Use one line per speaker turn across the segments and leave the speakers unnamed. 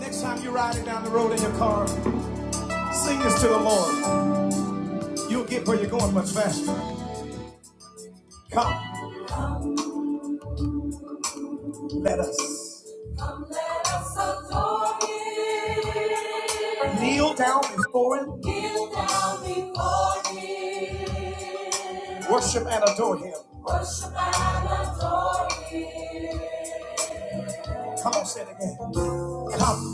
Next time you're riding down the road in your car, sing this to the Lord. You'll get where you're going much faster. Come, let us. Come, let us adore Him. Kneel down before Him. Kneel down before Him. Worship and adore Him. Worship and adore Him. Come on, say it again. Come.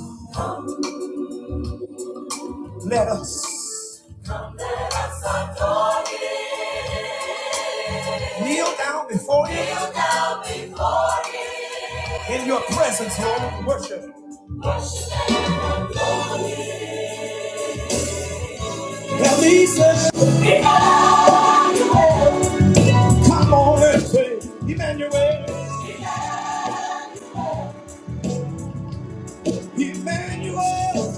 Let us come. Let us adore Him. kneel down before Him. Kneel down before Him. in your presence, Lord. Worship. Worship and adore Him. At least let's come on and say, Emmanuel, Emmanuel,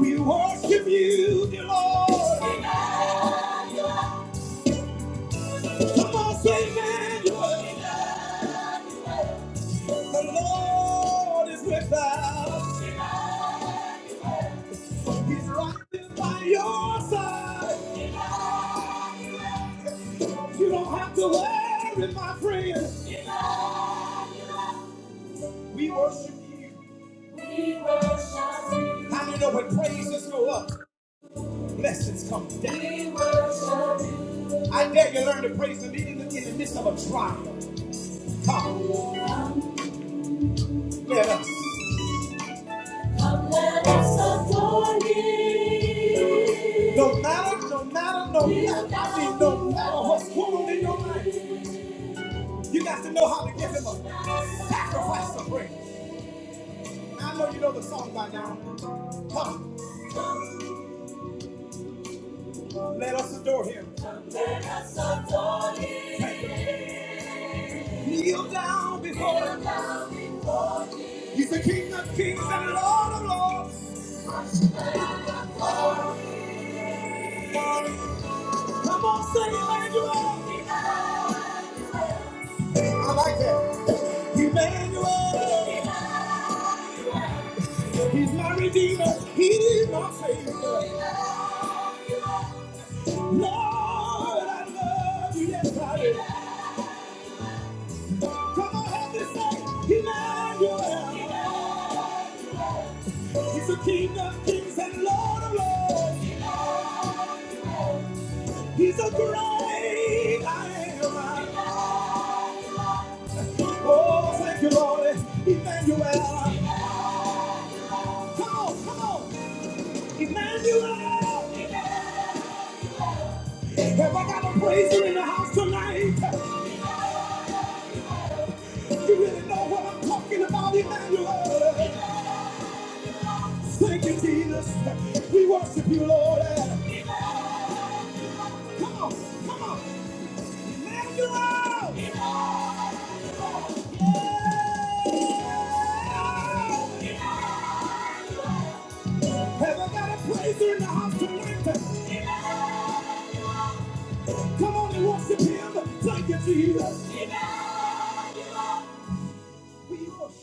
we worship you, dear Lord. Come on, say Emmanuel, the Lord is with us. He's right there by your side. You don't have to worry, my friend. We worship you. We worship you. How you know when praises go up, blessings come down? We worship you. I dare you learn to praise him even in the midst of a trial. Come, come let us. Come, let us adore him. No matter, no matter, no matter, no matter what's going on in your life. You got to know how to give him a sacrifice of praise. I know you know the song by now. Come, let us adore him. Let us adore him. Kneel down before him. He's the King of kings and Lord of lords. Come on, sing Emmanuel. I like that. Emmanuel. He's my redeemer. He's my savior. Lord, I love you, yes I do. Come on, help me say, Emmanuel. He's the King of kings and Lord of lords. He's a great I am. Oh, thank you, Lord. Emmanuel. Come on, come on. Emmanuel. Have I got a praiser in the house tonight? You really know what I'm talking about, Emmanuel. Thank you, Jesus. We worship you, Lord. Come on, come on. Emmanuel! Have I got a praiser in the house tonight? Come on and worship him. Thank you, Jesus. We worship.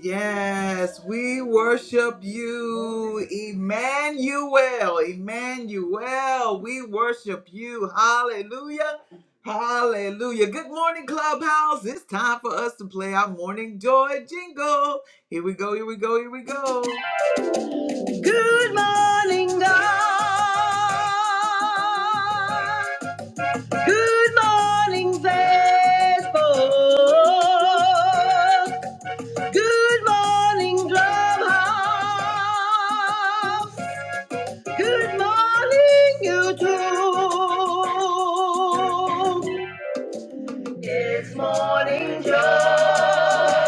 Yes, we worship you, Emmanuel. Emmanuel, we worship you. Hallelujah. Hallelujah. Good morning, Clubhouse. It's time for us to play our morning joy jingle. Here we go, here we go, here we go. Good morning, God. Good morning, Facebook. Good morning, Clubhouse. Good morning, YouTube. It's morning, Joe.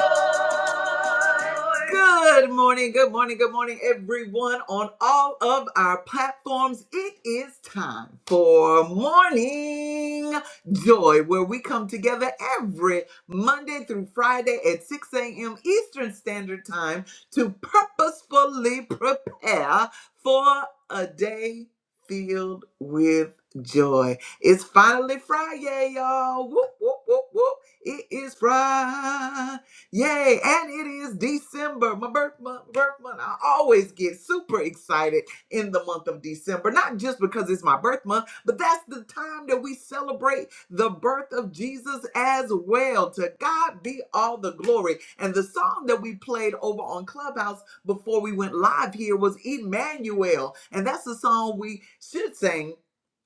Good morning, good morning, good morning, everyone on all of our platforms. It is time for Morning Joy, where we come together every Monday through Friday at 6 a.m. Eastern Standard Time to purposefully prepare for a day filled with joy. It's finally Friday, y'all. Whoop, whoop, whoop, whoop. It is Friday. Yay! And it is December, my birth month. Birth month. I always get super excited in the month of December, not just because it's my birth month, but that's the time that we celebrate the birth of Jesus as well. To God be all the glory. And the song that we played over on Clubhouse before we went live here was Emmanuel, and that's the song we should sing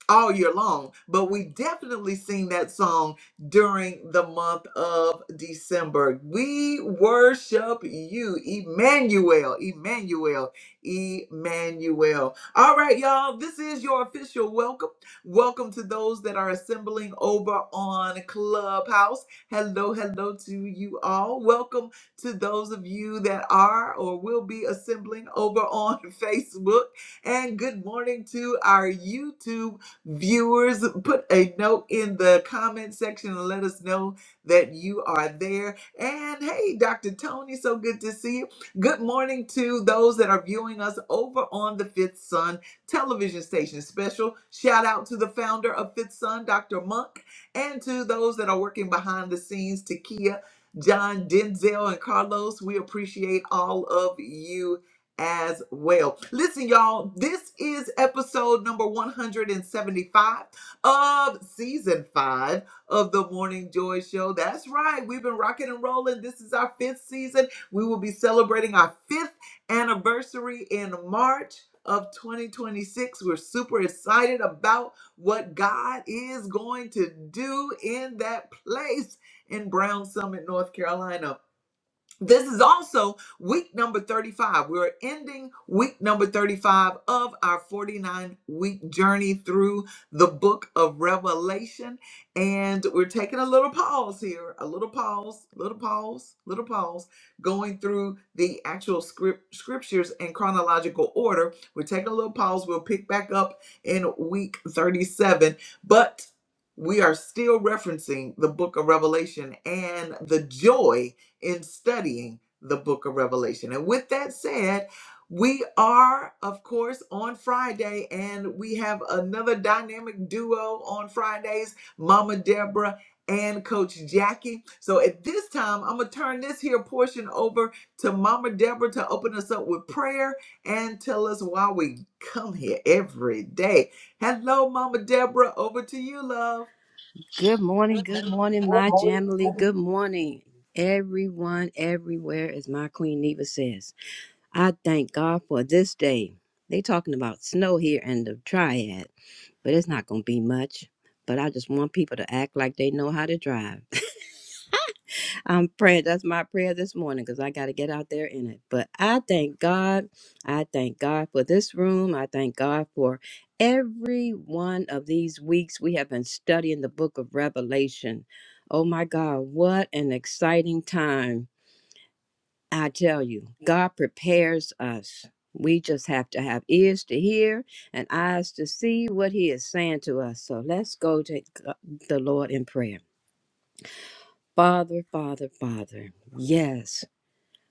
all year long, but we definitely sing that song during the month of December. We worship you, Emmanuel, Emmanuel, Emmanuel. All right, y'all, this is your official welcome. Welcome to those that are assembling over on Clubhouse. Hello, hello to you all. Welcome to those of you that are or will be assembling over on Facebook. And good morning to our YouTube. Viewers, put a note in the comment section and let us know that you are there. And hey, Dr. Tony, so good to see you. Good morning to those that are viewing us over on the Fifth Sun television station. Special shout out to the founder of Fifth Sun, Dr. Monk, and to those that are working behind the scenes, Takia, John, Denzel, and Carlos. We appreciate all of you as well. Listen, y'all, this is episode number 175 of season five of the Morning Joy Show. That's right, we've been rocking and rolling. This is our fifth season. We will be celebrating our fifth anniversary in March. Of 2026. We're super excited about what God is going to do in that place in Brown Summit, North Carolina. This is also week number 35. We're ending week number 35 of our 49 week journey through the book of Revelation. And we're taking a little pause here, a little pause, little pause, little pause, going through the actual script scriptures in chronological order. We're taking a little pause. We'll pick back up in week 37. But we are still referencing the book of Revelation and the joy in studying the book of Revelation. And with that said, we are, of course, on Friday, and we have another dynamic duo on Fridays, Mama Deborah and Coach Jackie. So at this time, I'm going to turn this here portion over to Mama Deborah to open us up with prayer and tell us why we come here every day. Hello, Mama Deborah. Over to you, love.
Good morning, good morning, my Jamily. Good morning, everyone, everywhere, as my Queen Neva says. I thank God for this day. They talking about snow here in the triad, but it's not gonna be much. But I just want people to act like they know how to drive. I'm praying. That's my prayer this morning because I got to get out there in it. But I thank God. I thank God for this room. I thank God for every one of these weeks we have been studying the book of Revelation. Oh my God, what an exciting time. I tell you, God prepares us. We just have to have ears to hear and eyes to see what He is saying to us. So let's go to G- the Lord in prayer. Father, Father, Father, yes.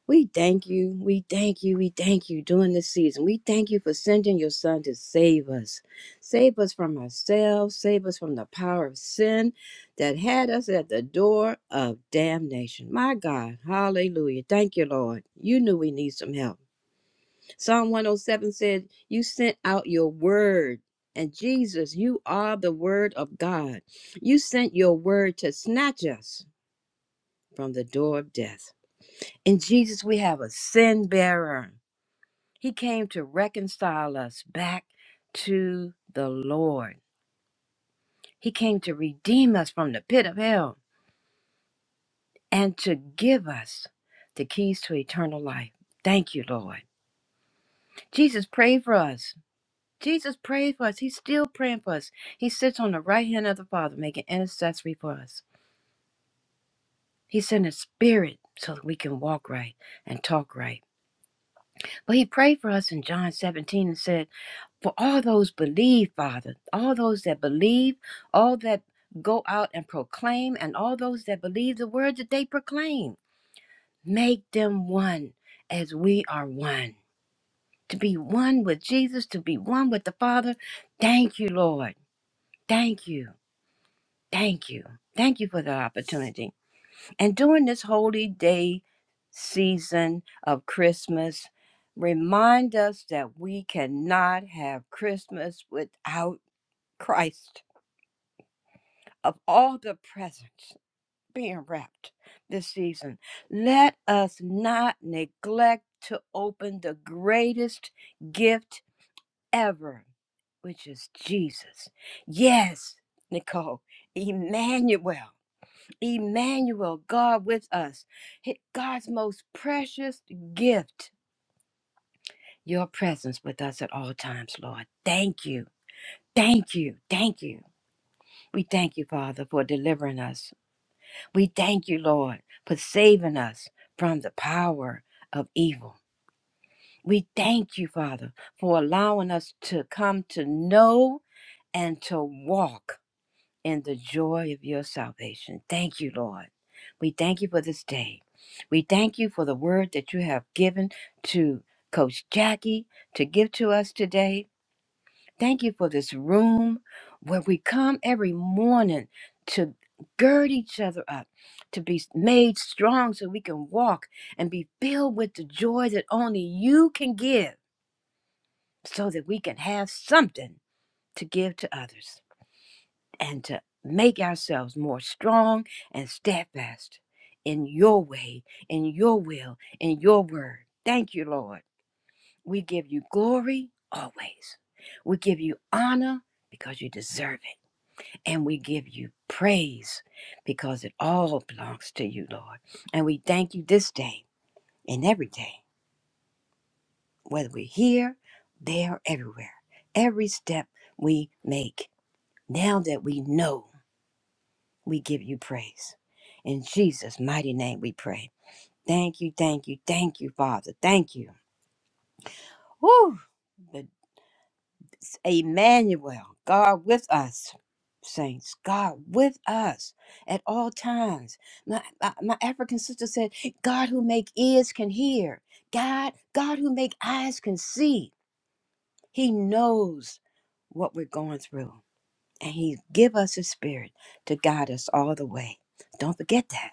We thank you. We thank you. We thank you during this season. We thank you for sending your son to save us. Save us from ourselves. Save us from the power of sin that had us at the door of damnation. My God. Hallelujah. Thank you, Lord. You knew we need some help. Psalm 107 said, You sent out your word. And Jesus, you are the word of God. You sent your word to snatch us from the door of death. In Jesus, we have a sin bearer. He came to reconcile us back to the Lord. He came to redeem us from the pit of hell and to give us the keys to eternal life. Thank you, Lord. Jesus prayed for us. Jesus prayed for us. He's still praying for us. He sits on the right hand of the Father, making intercessory for us. He sent his spirit so that we can walk right and talk right But he prayed for us in John 17 and said, For all those believe, Father, all those that believe, all that go out and proclaim, and all those that believe the words that they proclaim, make them one as we are one. To be one with Jesus, to be one with the Father. Thank you, Lord. Thank you. Thank you. Thank you for the opportunity. And during this holy day season of Christmas, remind us that we cannot have Christmas without Christ. Of all the presents being wrapped this season, let us not neglect to open the greatest gift ever, which is Jesus. Yes, Nicole, Emmanuel. Emmanuel, God with us, God's most precious gift, your presence with us at all times, Lord. Thank you. Thank you. Thank you. We thank you, Father, for delivering us. We thank you, Lord, for saving us from the power of evil. We thank you, Father, for allowing us to come to know and to walk in the joy of your salvation. Thank you, Lord. We thank you for this day. We thank you for the word that you have given to Coach Jackie to give to us today. Thank you for this room where we come every morning to gird each other up, to be made strong so we can walk and be filled with the joy that only you can give so that we can have something to give to others and to make ourselves more strong and steadfast in your way, in your will, in your word. Thank you, Lord. We give you glory always. We give you honor because you deserve it. And we give you praise because it all belongs to you, Lord. And we thank you this day and every day, whether we're here, there, everywhere, every step we make. Now that we know We give you praise. In Jesus' mighty name we pray. Thank you, thank you, thank you, Father. Thank you. Woo! The- Emmanuel, God with us. Saints, God with us at all times. My, my, my African sister said, God who make ears can hear. God, God who make eyes can see. He knows what we're going through. And he give us his spirit to guide us all the way. Don't forget that.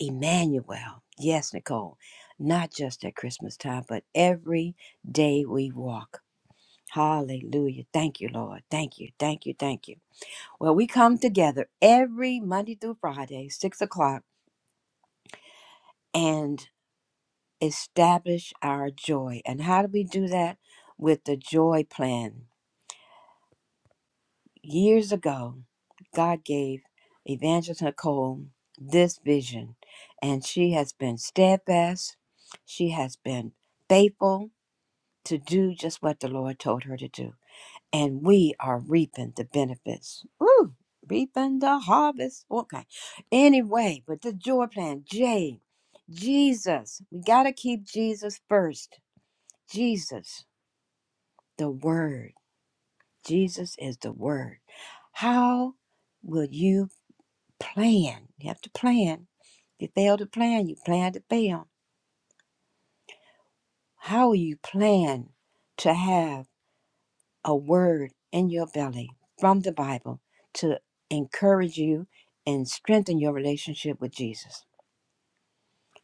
Emmanuel. Yes, Nicole. Not just at Christmas time, but every day we walk. Hallelujah. Thank you, Lord. Thank you. Thank you. Thank you. Well, we come together every Monday through Friday, six o'clock, and establish our joy. And how do we do that? With the joy plan. Years ago, God gave Evangelist Nicole this vision, and she has been steadfast. She has been faithful to do just what the Lord told her to do. And we are reaping the benefits. Woo! Reaping the harvest. Okay. Anyway, but the joy plan, J, Jesus. We got to keep Jesus first. Jesus, the Word. Jesus is the Word. How will you plan? You have to plan. You fail to plan, you plan to fail. How will you plan to have? a word in your belly from the Bible to encourage you and strengthen your relationship with Jesus.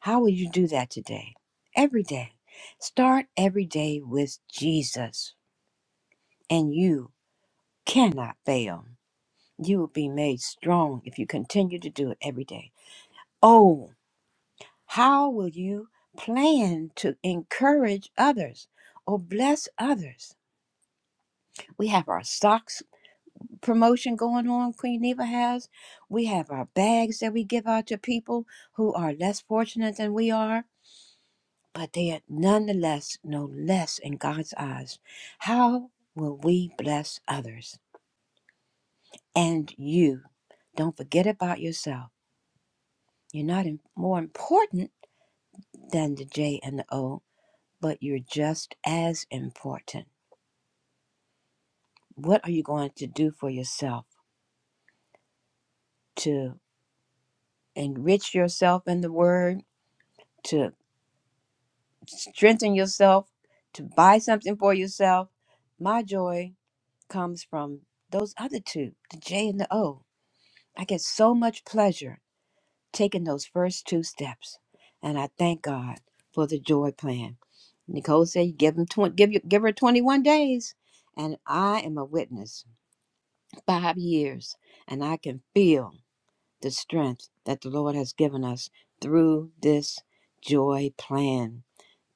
How will you do that today? Every day. Start every day with Jesus, and you cannot fail. You will be made strong if you continue to do it every day. Oh, how will you plan to encourage others or bless others? We have our socks promotion going on Queen Neva has. We have our bags that we give out to people who are less fortunate than we are, but they are nonetheless no less in God's eyes. How will we bless others? And you, don't forget about yourself. You're not im- more important than the J and the O, but you're just as important. What are you going to do for yourself to enrich yourself in the Word? To strengthen yourself, to buy something for yourself. My joy comes from those other two, the J and the O. I get so much pleasure taking those first two steps, and I thank God for the joy plan. Nicole said, "You give them twenty, give you, give her twenty-one days," and I am a witness. Five years, and I can feel the strength that the Lord has given us through this joy plan.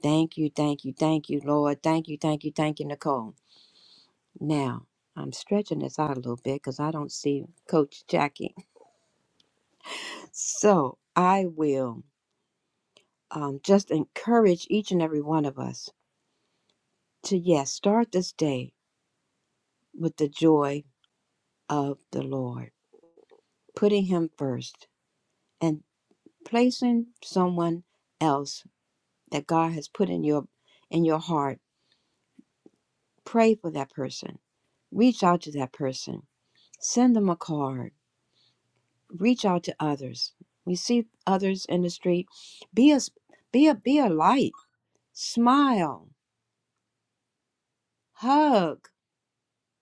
Thank you, thank you, thank you, Lord. Thank you, thank you, thank you, Nicole. Now, I'm stretching this out a little bit because I don't see Coach Jackie. So I will um, just encourage each and every one of us to, yes, start this day with the joy of the Lord, putting Him first and placing someone else that God has put in your in your heart. Pray for that person. Reach out to that person. Send them a card reach out to others. You see others in the street, be a be a be a light. Smile, hug.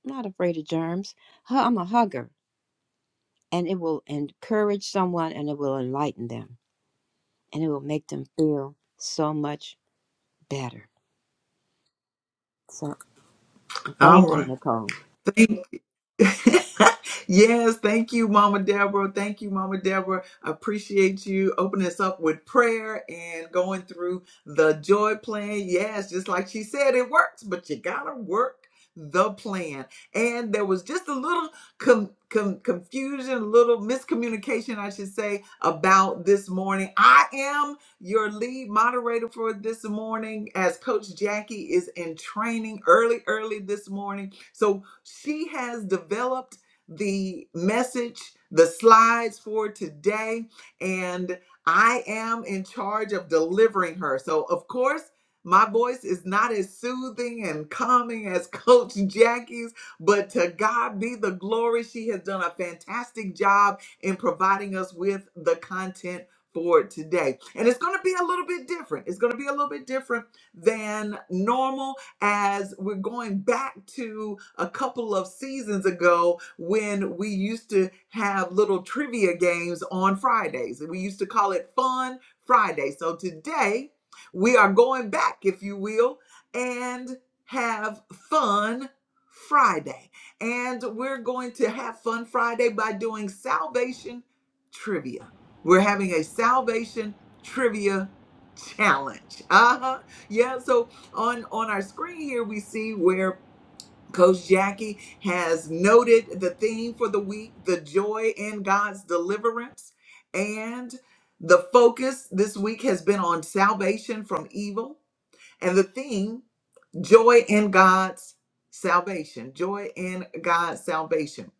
I'm not afraid of germs. Hu- I'm a hugger, and it will encourage someone, and it will enlighten them, and it will make them feel so much better. So,
All
thank you,
right.
Nicole.
yes, thank you, Mama Deborah. Thank you, Mama Deborah. Appreciate you opening us up with prayer and going through the joy plan. Yes, just like she said, it works, but you gotta work the plan. And there was just a little com- com- confusion, a little miscommunication, I should say, about this morning. I am your lead moderator for this morning as Coach Jackie is in training early, early this morning. So she has developed the message, the slides for today, and I am in charge of delivering her. So, of course, my voice is not as soothing and calming as Coach Jackie's, but to God be the glory. She has done a fantastic job in providing us with the content for today. And it's going to be a little bit different. It's going to be a little bit different than normal as we're going back to a couple of seasons ago when we used to have little trivia games on Fridays. We used to call it Fun Friday. So today we are going back, if you will, and have fun Friday. And we're going to have fun Friday by doing salvation trivia. We're having a salvation trivia challenge. Uh-huh. Yeah, so on on our screen here we see where coach jackie has noted the theme for the week the joy in god's deliverance and the focus this week has been on salvation from evil and the theme joy in god's salvation joy in god's salvation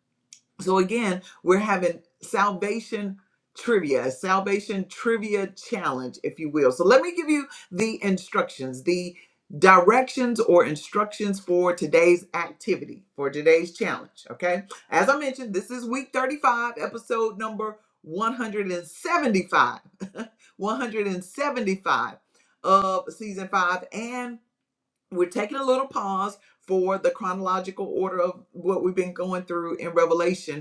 so again, we're having salvation trivia, salvation trivia challenge, if you will. So let me give you the instructions, the directions or instructions for today's activity, for today's challenge. Okay. As I mentioned, this is week 35, episode number 175. 175 of season five. And we're taking a little pause for the chronological order of what we've been going through in Revelation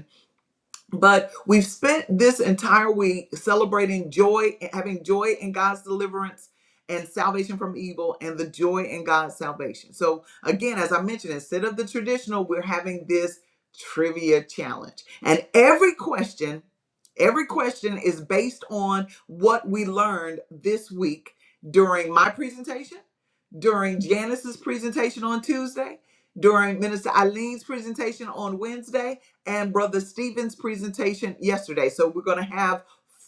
but we've spent this entire week celebrating joy, having joy in God's deliverance and salvation from evil, and the joy in God's salvation. So, again, as I mentioned, instead of the traditional, we're having this trivia challenge. And every question, every question is based on what we learned this week during my presentation during Janice's presentation on Tuesday, during Minister Eileen's presentation on Wednesday, and Brother Stephen's presentation yesterday. So we're going to have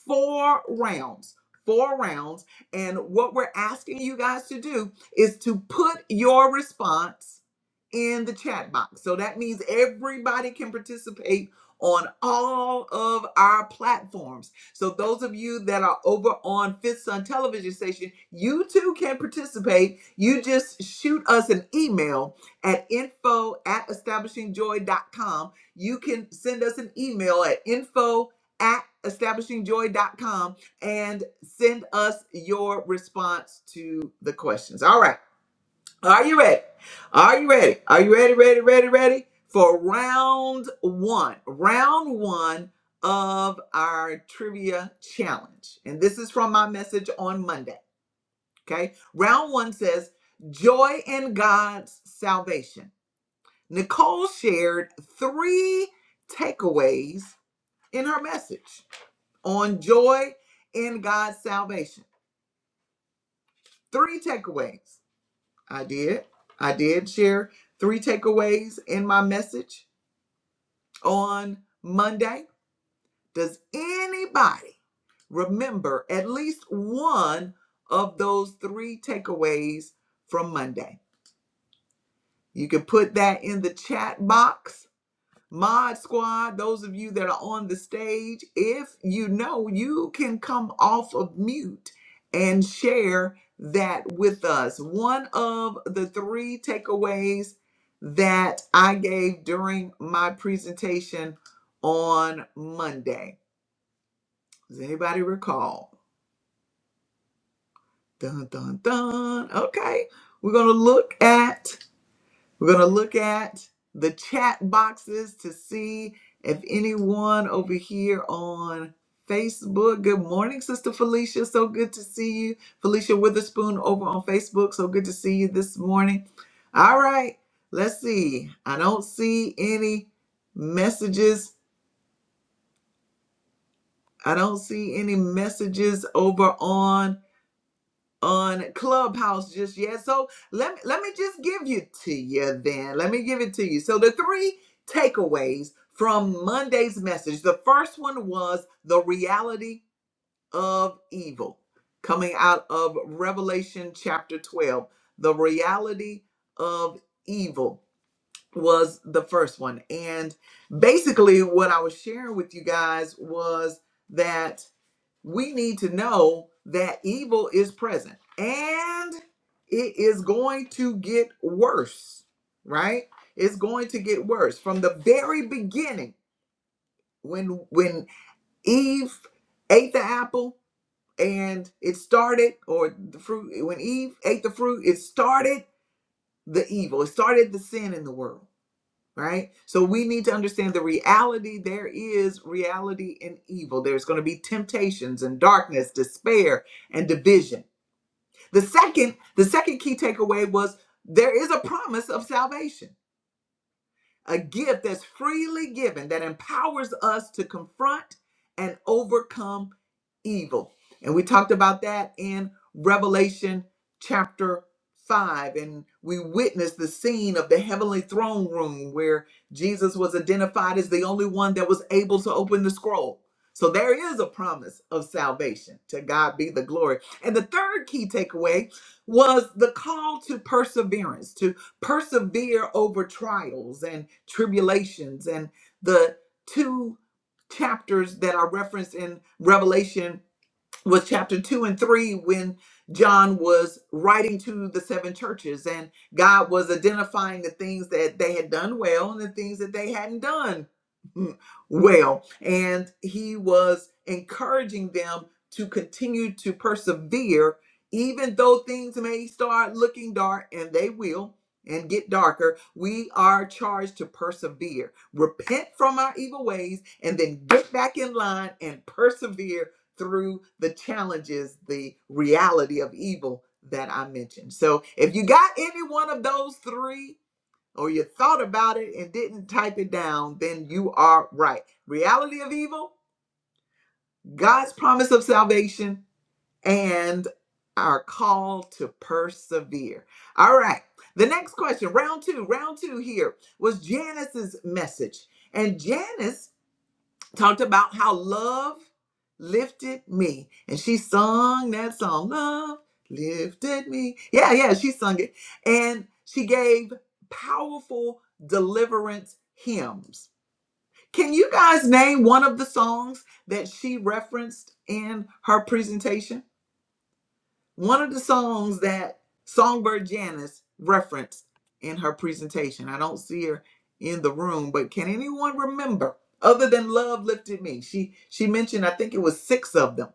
four rounds, four rounds. And what we're asking you guys to do is to put your response in the chat box. So that means everybody can participate on all of our platforms. So those of you that are over on Fifth Sun Television Station, you too can participate. You just shoot us an email at info at establishingjoy.com. You can send us an email at info at establishingjoy.com and send us your response to the questions. All right. Are you ready? Are you ready? Are you ready, ready, ready, ready for round one? Round one of our trivia challenge. And this is from my message on Monday. Okay. Round one says, Joy in God's salvation. Nicole shared three takeaways in her message on joy in God's salvation. Three takeaways. I did. I did share three takeaways in my message on Monday. Does anybody remember at least one of those three takeaways from Monday? You can put that in the chat box Mod Squad, those of you that are on the stage, if you know, you can come off of mute and share that with us. One of the three takeaways that I gave during my presentation on Monday. Does anybody recall? Dun, dun, dun. Okay. We're going to look at We're going to look at the chat boxes to see if anyone over here on Facebook. Good morning, Sister Felicia. So good to see you. Felicia Witherspoon over on Facebook. So good to see you this morning. All right, let's see. I don't see any messages. I don't see any messages over on on Clubhouse just yet. So let me let me just give you to you then. Let me give it to you. So the three takeaways from Monday's message. The first one was the reality of evil coming out of Revelation chapter 12. The reality of evil was the first one. And basically what I was sharing with you guys was that we need to know that evil is present and it is going to get worse right it's going to get worse from the very beginning when when eve ate the apple and it started or the fruit when eve ate the fruit it started the evil it started the sin in the world right? So we need to understand the reality. There is reality in evil. There's going to be temptations and darkness, despair and division. The second, the second key takeaway was there is a promise of salvation a gift that's freely given that empowers us to confront and overcome evil. And we talked about that in Revelation chapter 5. And we witnessed the scene of the heavenly throne room where Jesus was identified as the only one that was able to open the scroll. So there is a promise of salvation. To God be the glory. And the third key takeaway was the call to perseverance, to persevere over trials and tribulations. And the two chapters that are referenced in Revelation was chapter 2 and 3 when John was writing to the seven churches and God was identifying the things that they had done well and the things that they hadn't done well and he was encouraging them to continue to persevere even though things may start looking dark and they will and get darker we are charged to persevere repent from our evil ways and then get back in line and persevere through the challenges, the reality of evil that I mentioned. So if you got any one of those three, or you thought about it and didn't type it down, then you are right. Reality of evil, God's promise of salvation, and our call to persevere. All right. The next question, round two, round two here was Janice's message. And Janice talked about how love lifted me. And she sung that song, Love Lifted Me. Yeah, yeah, she sung it. And she gave powerful deliverance hymns. Can you guys name one of the songs that she referenced in her presentation? One of the songs that Songbird Janice referenced in her presentation. I don't see her in the room, but can anyone remember other than Love Lifted Me? She she mentioned I think it was 6 of them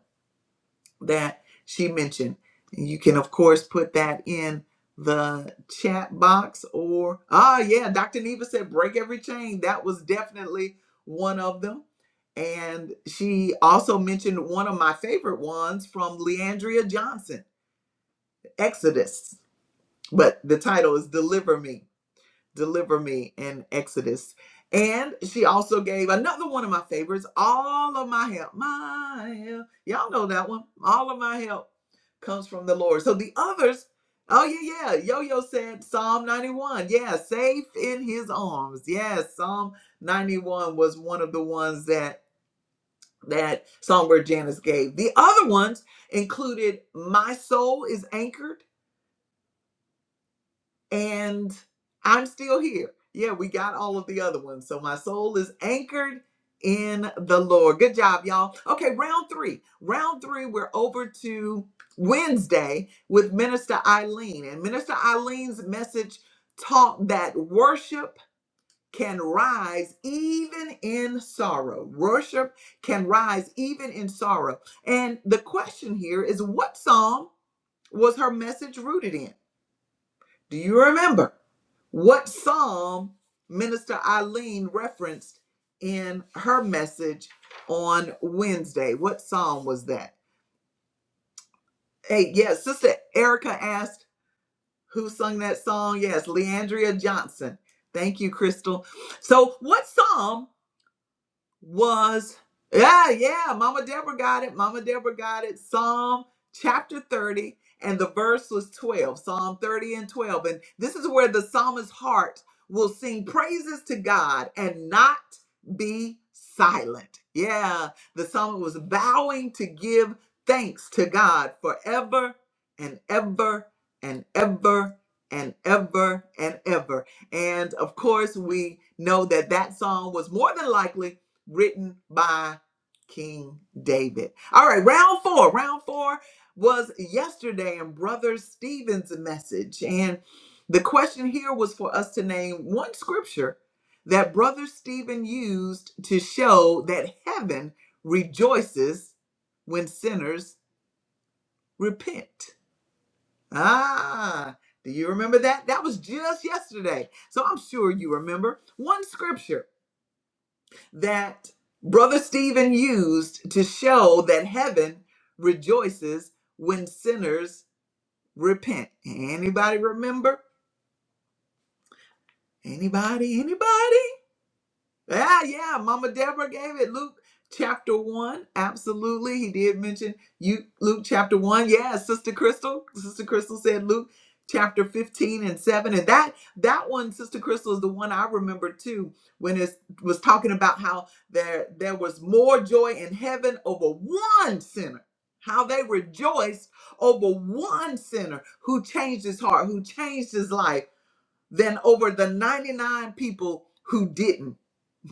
that she mentioned. And you can of course put that in the chat box or ah yeah, Dr. Neva said break every chain. That was definitely one of them. And she also mentioned one of my favorite ones from Leandria Johnson Exodus, but the title is Deliver Me, Deliver Me in Exodus. And she also gave another one of my favorites, All of My Help. My help. Y'all know that one. All of my help comes from the Lord. So the others, oh yeah, yeah. Yo yo said Psalm 91. Yeah, safe in his arms. Yes, Psalm 91 was one of the ones that that Songbird Janice gave. The other ones included My Soul is Anchored. and I'm still here. Yeah, we got all of the other ones. So my soul is anchored in the Lord. Good job, y'all. Okay, round three. Round three, we're over to Wednesday with Minister Eileen. And Minister Eileen's message taught that worship can rise even in sorrow. Worship can rise even in sorrow. And the question here is what psalm was her message rooted in? Do you remember? What psalm Minister Eileen referenced in her message on Wednesday? What psalm was that? Hey, yes, Sister Erica asked who sung that song. Yes, Leandria Johnson. Thank you, Crystal. So, what psalm? was yeah yeah mama deborah got it mama deborah got it psalm chapter 30 and the verse was 12 psalm 30 and 12 and this is where the psalmist's heart will sing praises to god and not be silent yeah the psalmist was vowing to give thanks to god forever and ever and ever and ever and ever and of course we know that that song was more than likely written by King David. All right, round four. Round four was yesterday in Brother Stephen's message. And the question here was for us to name one scripture that Brother Stephen used to show that heaven rejoices when sinners repent. Ah, do you remember that? That was just yesterday. So I'm sure you remember one scripture that Brother Stephen used to show that heaven rejoices when sinners repent. Anybody remember? Anybody? Anybody? Yeah, yeah. Mama Deborah gave it. Luke chapter one. Absolutely. He did mention you Luke chapter one. Yeah, Sister Crystal. Sister Crystal said Luke chapter 15 and 7. And that that one, Sister Crystal, is the one I remember too, when it was talking about how there there was more joy in heaven over one sinner. How they rejoiced over one sinner who changed his heart, who changed his life than over the 99 people who didn't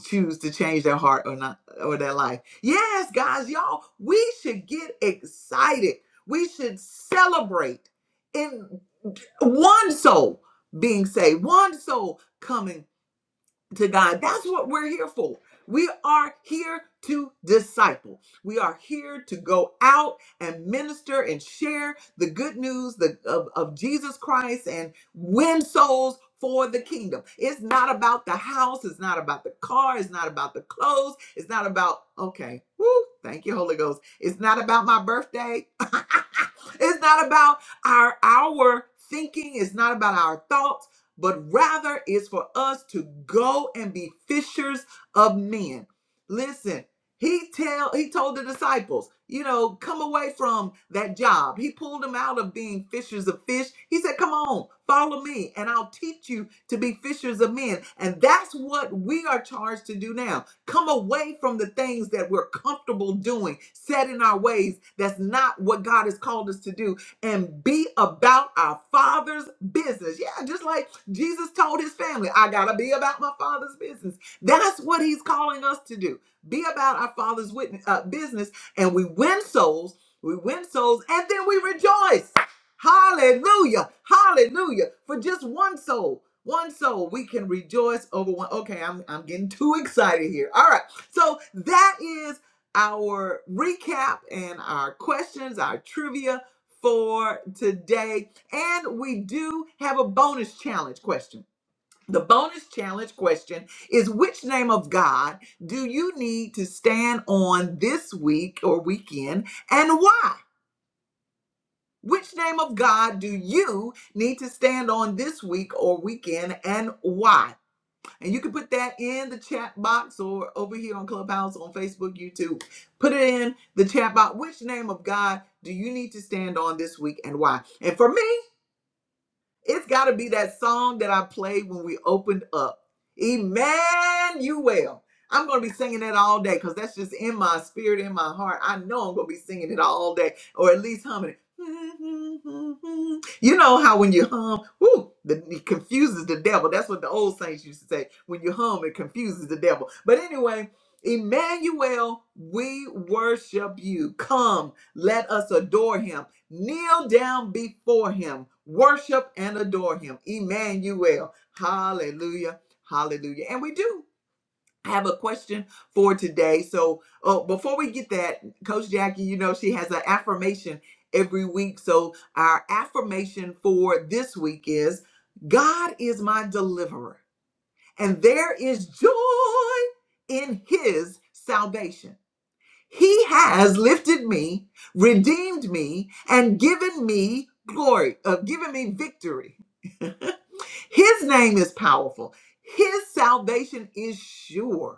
choose to change their heart or not or their life. Yes, guys, y'all, we should get excited. We should celebrate in one soul being saved, one soul coming to God. That's what we're here for. We are here to disciple. We are here to go out and minister and share the good news the- of, of Jesus Christ and win souls for the kingdom. It's not about the house. It's not about the car. It's not about the clothes. It's not about, okay, woo, thank you, Holy Ghost. It's not about my birthday. it's not about our, our thinking. It's not about our thoughts but rather is for us to go and be fishers of men. Listen, he tell he told the disciples, you know, come away from that job. He pulled them out of being fishers of fish. He said, "Come on, follow me and I'll teach you to be fishers of men." And that's what we are charged to do now. Come away from the things that we're comfortable doing, set in our ways. That's not what God has called us to do and be about our father's business. Yeah, just like Jesus told his family, I got to be about my father's business. That's what he's calling us to do. Be about our father's witness, uh, business, and we win souls, we win souls, and then we rejoice. Hallelujah. Hallelujah. For just one soul, one soul, we can rejoice over one. Okay, I'm, I'm getting too excited here. All right. So that is our recap and our questions, our trivia for today. And we do have a bonus challenge question. The bonus challenge question is which name of God do you need to stand on this week or weekend and why? Which name of God do you need to stand on this week or weekend and why? And you can put that in the chat box or over here on Clubhouse on Facebook, YouTube. Put it in the chat box. Which name of God do you need to stand on this week and why? And for me, It's got to be that song that I played when we opened up. Emmanuel. I'm going to be singing that all day because that's just in my spirit, in my heart. I know I'm going to be singing it all day or at least humming it. You know how when you hum, whoo, the, it confuses the devil. That's what the old saints used to say. When you hum, it confuses the devil. But anyway, Emmanuel, we worship you. Come, let us adore him kneel down before him, worship and adore him. Emmanuel. Hallelujah. Hallelujah. And we do. have a question for today. So, oh, before we get that, Coach Jackie, you know, she has an affirmation every week. So, our affirmation for this week is God is my deliverer, and there is joy in his salvation. He has lifted me, redeemed me, and given me glory, uh, given me victory. His name is powerful. His salvation is sure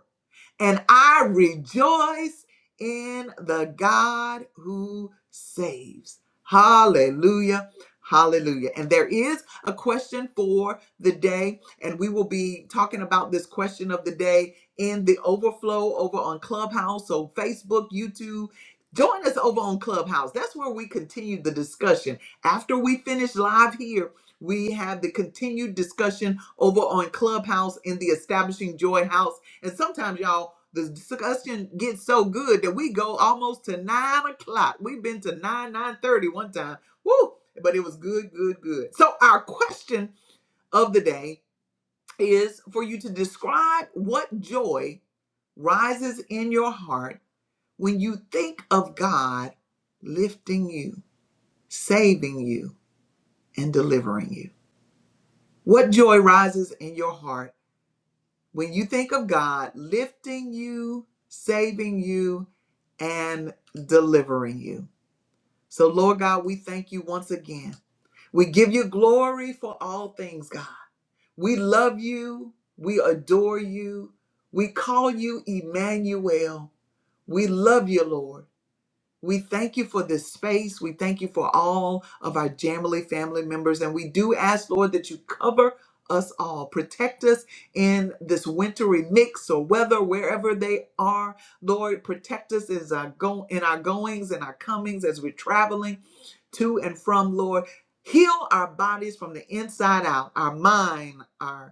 and I rejoice in the God who saves. Hallelujah. Hallelujah. And there is a question for the day, and we will be talking about this question of the day in the overflow over on Clubhouse. So, Facebook, YouTube, join us over on Clubhouse. That's where we continue the discussion. After we finish live here, we have the continued discussion over on Clubhouse in the Establishing Joy House. And sometimes, y'all, the discussion gets so good that we go almost to nine o'clock. We've been to nine, nine thirty one time. Woo! But it was good, good, good. So our question of the day is for you to describe what joy rises in your heart when you think of God lifting you, saving you, and delivering you. What joy rises in your heart When you think of God lifting you, saving you, and delivering you. So, Lord God, we thank you once again. We give you glory for all things, God. We love you. We adore you. We call you Emmanuel. We love you, Lord. We thank you for this space. We thank you for all of our Jamily family members. And we do ask, Lord, that you cover us all, protect us in this wintry mix or weather, wherever they are. Lord, protect us as our go- in our goings and our comings as we're traveling to and from, Lord. Heal our bodies from the inside out, our mind, our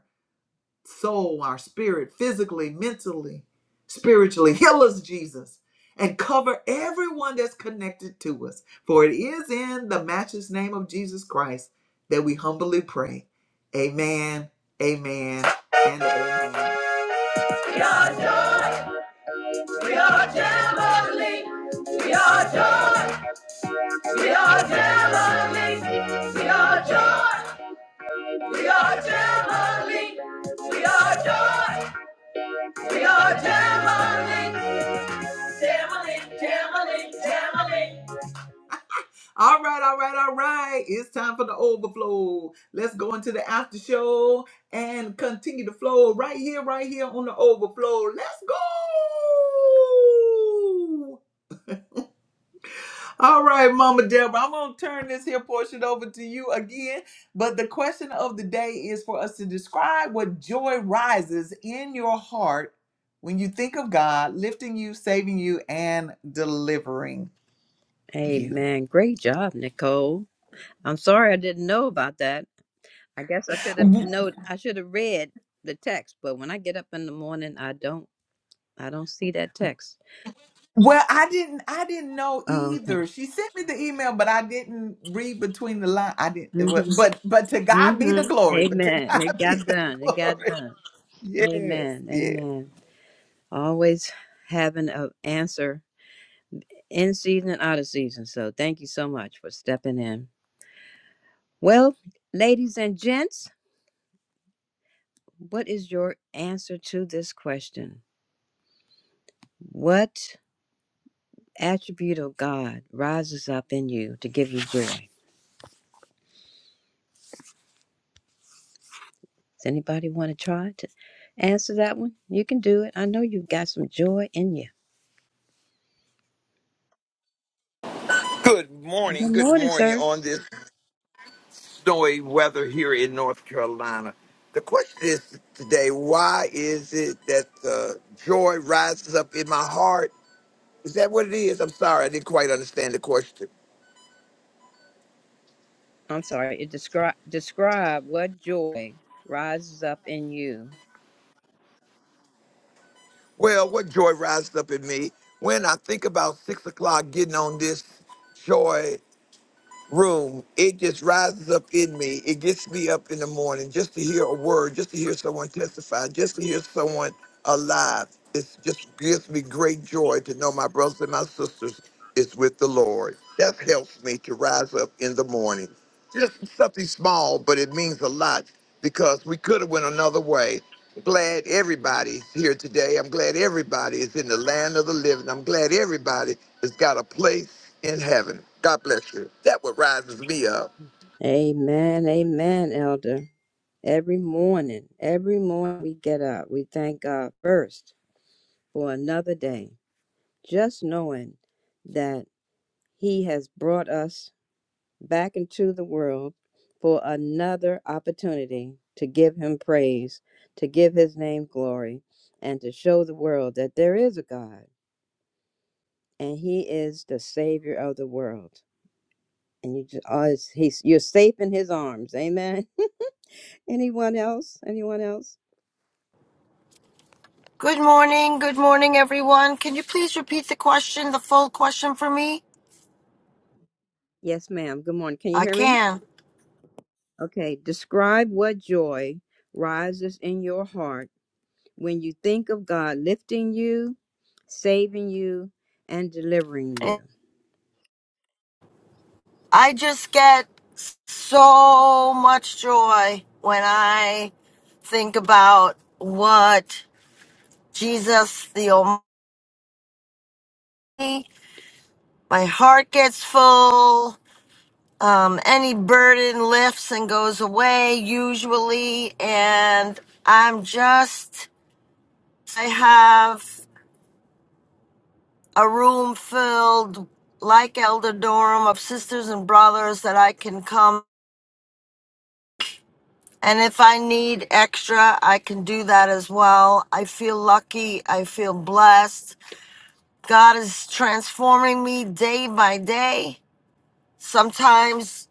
soul, our spirit, physically, mentally, spiritually. Heal us, Jesus, and cover everyone that's connected to us. For it is in the matchless name of Jesus Christ that we humbly pray. Amen, amen, and amen. We are joy, we are jubilee. We are joy, we are jubilee. We are joy, we are jubilee. We are joy. We are Jamali, Jamali, Jamali, Jamali. All right, all right, all right. It's time for the overflow. Let's go into the after show and continue the flow right here, right here on the overflow. Let's go. All right, Mama Deborah, I'm going to turn this here portion over to you again. But the question of the day is for us to describe what joy rises in your heart when you think of God lifting you, saving you, and delivering you.
Amen. Great job, Nicole. I'm sorry I didn't know about that. I guess I should have
W-
know. I should have read the text, but when I get up in the morning, I don't. I don't see that text.
Well, I didn't I didn't know
Oh, okay.
either. She sent me the email, but I didn't read between the lines. I didn't it wa-
Mm-hmm.
but but to God be the
Mm-hmm.
glory. But to
Amen. It
God be
got
the
done. It got
glory.
done.
Yes,
Amen.
yes.
Amen. Always having an answer in season and out of season. So thank you so much for stepping in. Well, ladies and gents, what is your answer to this question? What attribute of God rises up in you to give you joy? Does anybody want to try to answer that one? You can do it. I know you've got some joy in you.
Good
Good
morning. Good
morning,
morning
sir.
on this snowy weather here in North Carolina. The question is today why is it that uh, joy rises up in my heart? Is that what it is? I'm sorry, I didn't quite understand the question.
I'm sorry, it describe describe what joy rises up in you.
Well, what joy rises up in me when I think about six o'clock getting on this joy? room, it just rises up in me. It gets me up in the morning just to hear a word, just to hear someone testify, just to hear someone alive. It just gives me great joy to know my brothers and my sisters is with the Lord. That helps me to rise up in the morning. Just something small, but it means a lot because we could have went another way. Glad everybody's here today. I'm glad everybody is in the land of the living. I'm glad everybody has got a place in heaven. God bless you. That what rises me up.
Amen, amen, elder. Every morning, every morning we get up, we thank God first for another day, just knowing that He has brought us back into the world for another opportunity to give Him praise, to give His name glory, and to show the world that there is a God and He is the Savior of the world. and you just always he's you're safe in his arms amen anyone else anyone else
Good morning. Good morning, everyone. Can you please repeat the question, the full question for me?
yes ma'am good morning can you
I
hear me
can.
okay describe what joy rises in your heart when you think of god lifting you saving you and delivering you
I just get so much joy when I think about what Jesus the Almighty, my heart gets full. Um, any burden lifts and goes away usually. And I'm just, I have a room filled like Elder Durham of sisters and brothers that I can come. And if I need extra, I can do that as well. I feel lucky. I feel blessed. God is transforming me day by day. Sometimes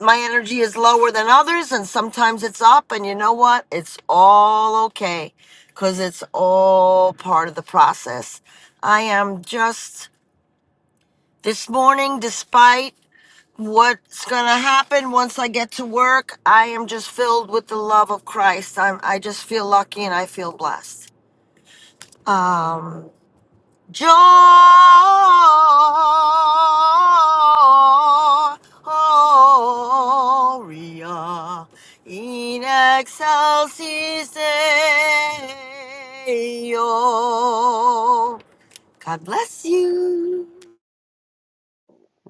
my energy is lower than others, and sometimes it's up. And you know what? It's all okay because it's all part of the process. I am just this morning, despite what's gonna happen once I get to work, I am just filled with the love of Christ. I'm I just feel lucky and I feel blessed. Um Gloria in excelsis Deo. God bless you.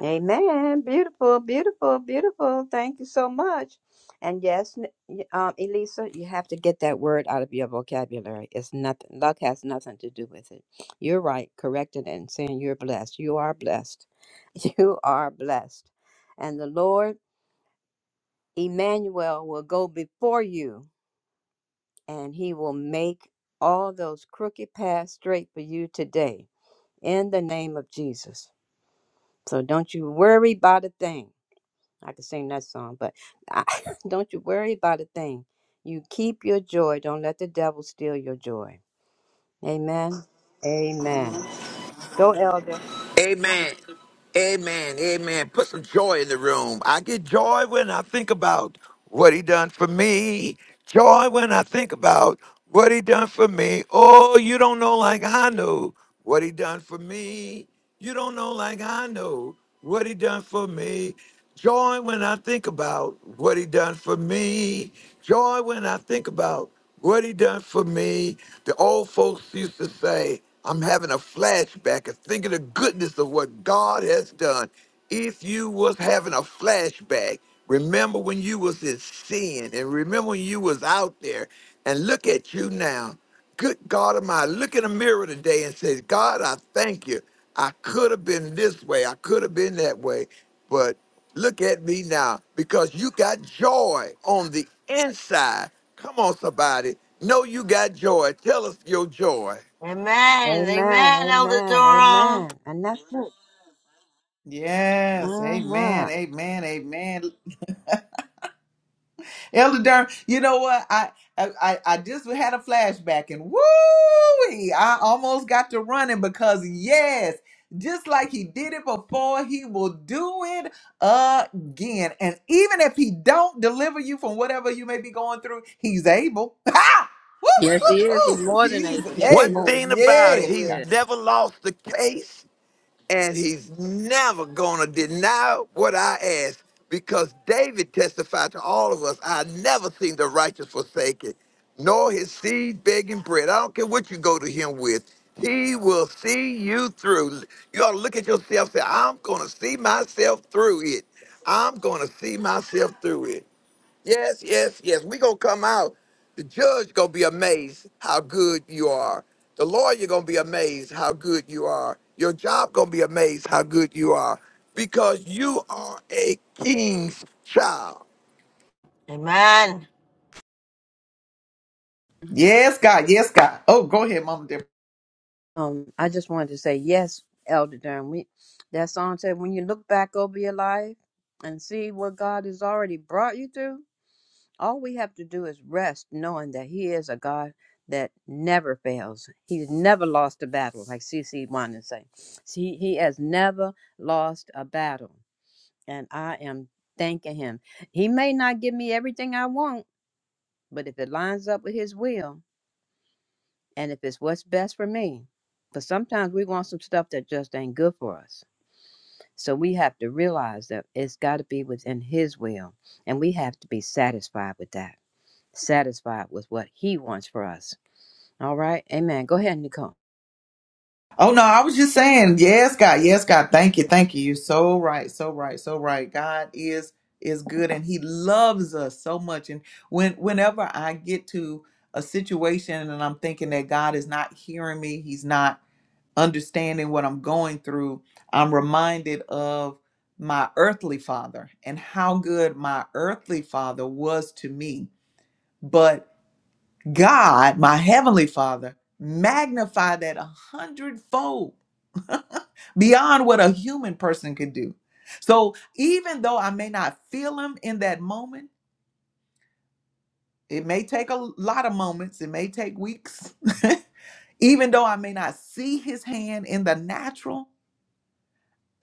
Amen. Beautiful, beautiful, beautiful. Thank you so much. And yes, n- y- um, Elisa, you have to get that word out of your vocabulary. It's nothing. Luck has nothing to do with it. You're right. Correcting it and saying you're blessed. You are blessed. You are blessed. And the Lord Emmanuel will go before you, and He will make all those crooked paths straight for you today. In the name of Jesus. So don't you worry about a thing I could sing that song, but I, don't you worry about a thing. You keep your joy. Don't let the devil steal your joy. Amen. Amen. Go, elder.
Amen. Amen. Amen. Put some joy in the room. I get joy when I think about what he done for me. Joy when I think about what he done for me. Oh, you don't know like I know what he done for me. You don't know like I know what he done for me. Joy when I think about what he done for me. Joy when I think about what he done for me. The old folks used to say, I'm having a flashback and thinking the goodness of what God has done. If you was having a flashback, remember when you was in sin and remember when you was out there and look at you now. Good God of mine, look in the mirror today and say, God, I thank you. I could have been this way. I could have been that way. But Look at me now because you got joy on the inside. Come on, somebody. Know you got joy. Tell us your joy.
Amen.
Amen.
Amen, Elder
Amen.
Durham.
Amen. And that's it.
Yes, amen,
Uh-huh.
amen, amen. Elder Durham, you know what? I I I I just had a flashback and woo I almost got to running because yes, just like he did it before, he will do it again. And even if he don't deliver you from whatever you may be going through, he's able. Ha! Woo,
Yes, he
woo,
is. He's
woo.
more than
He's
able. Yes, he
One
able.
is.
thing
Yes,
about it,
Yes,
he
he's
God.
is.
never lost the case. and he's never gonna deny what I ask because David testified to all of us I never seen the righteous forsaken, nor his seed begging bread. I don't care what you go to him with, he will see you through. You ought to look at yourself and say, I'm gonna see myself through it. I'm gonna see myself through it. Yes, yes, yes. We're gonna come out. The judge gonna be amazed how good you are. The lawyer gonna be amazed how good you are. Your job gonna be amazed how good you are. Because you are a king's child.
Amen.
Yes, God. Yes, God. Oh, go ahead, Mama
Um, I just wanted to say yes, Elder Durham. We, that song said, when you look back over your life and see what God has already brought you through. All we have to do is rest, knowing that He is a God that never fails. He's never lost a battle, like C. C. wanted to say. He, he has never lost a battle. And I am thanking Him. He may not give me everything I want, but if it lines up with His will and if it's what's best for me, because sometimes we want some stuff that just ain't good for us. So we have to realize that it's got to be within His will, and we have to be satisfied with that. satisfied with what He wants for us. All right. Amen. Go ahead, Nicole.
Oh no, I was just saying, yes, God, yes, God, thank you, thank you. You're so right, so right, so right. God is is good and He loves us so much. And when whenever I get to a situation and I'm thinking that God is not hearing me, He's not understanding what I'm going through, I'm reminded of my earthly father and how good my earthly father was to me. but. God, my heavenly Father, magnify that a hundredfold beyond what a human person could do. So even though I may not feel Him in that moment, it may take a lot of moments, it may take weeks. even though I may not see His hand in the natural,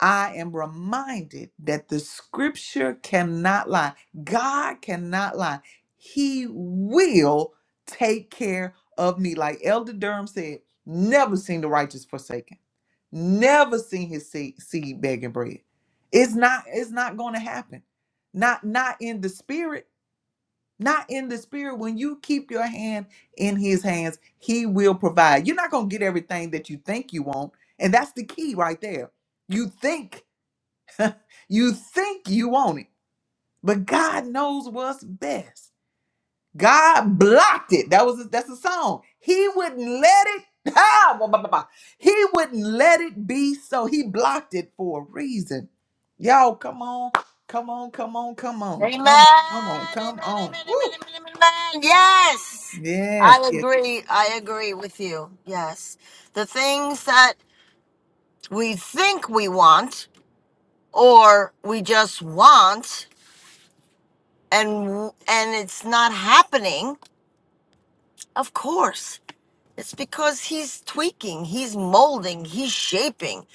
I am reminded that the scripture cannot lie. God cannot lie. He will take care of me. Like Elder Durham said, never seen the righteous forsaken. Never seen his seed, seed begging bread. It's not, it's not gonna happen. Not not in the spirit. Not in the spirit. When you keep your hand in his hands, he will provide. You're not gonna get everything that you think you want. And that's the key right there. You think you think you want it, but God knows what's best. God blocked it. That was that's a song. He wouldn't let it. Ah, blah, blah, blah, blah. He wouldn't let it be so. He blocked it for a reason. Y'all, come on, come on, come on, come on,
Amen.
come on, come on,
Amen.
come
Amen.
on.
Amen. Amen.
Woo.
Amen. amen. Yes.
Yes,
I
yes.
agree. I agree with you. Yes. The things that we think we want or we just want and and it's not happening. Of course. It's because he's tweaking, he's molding, he's shaping.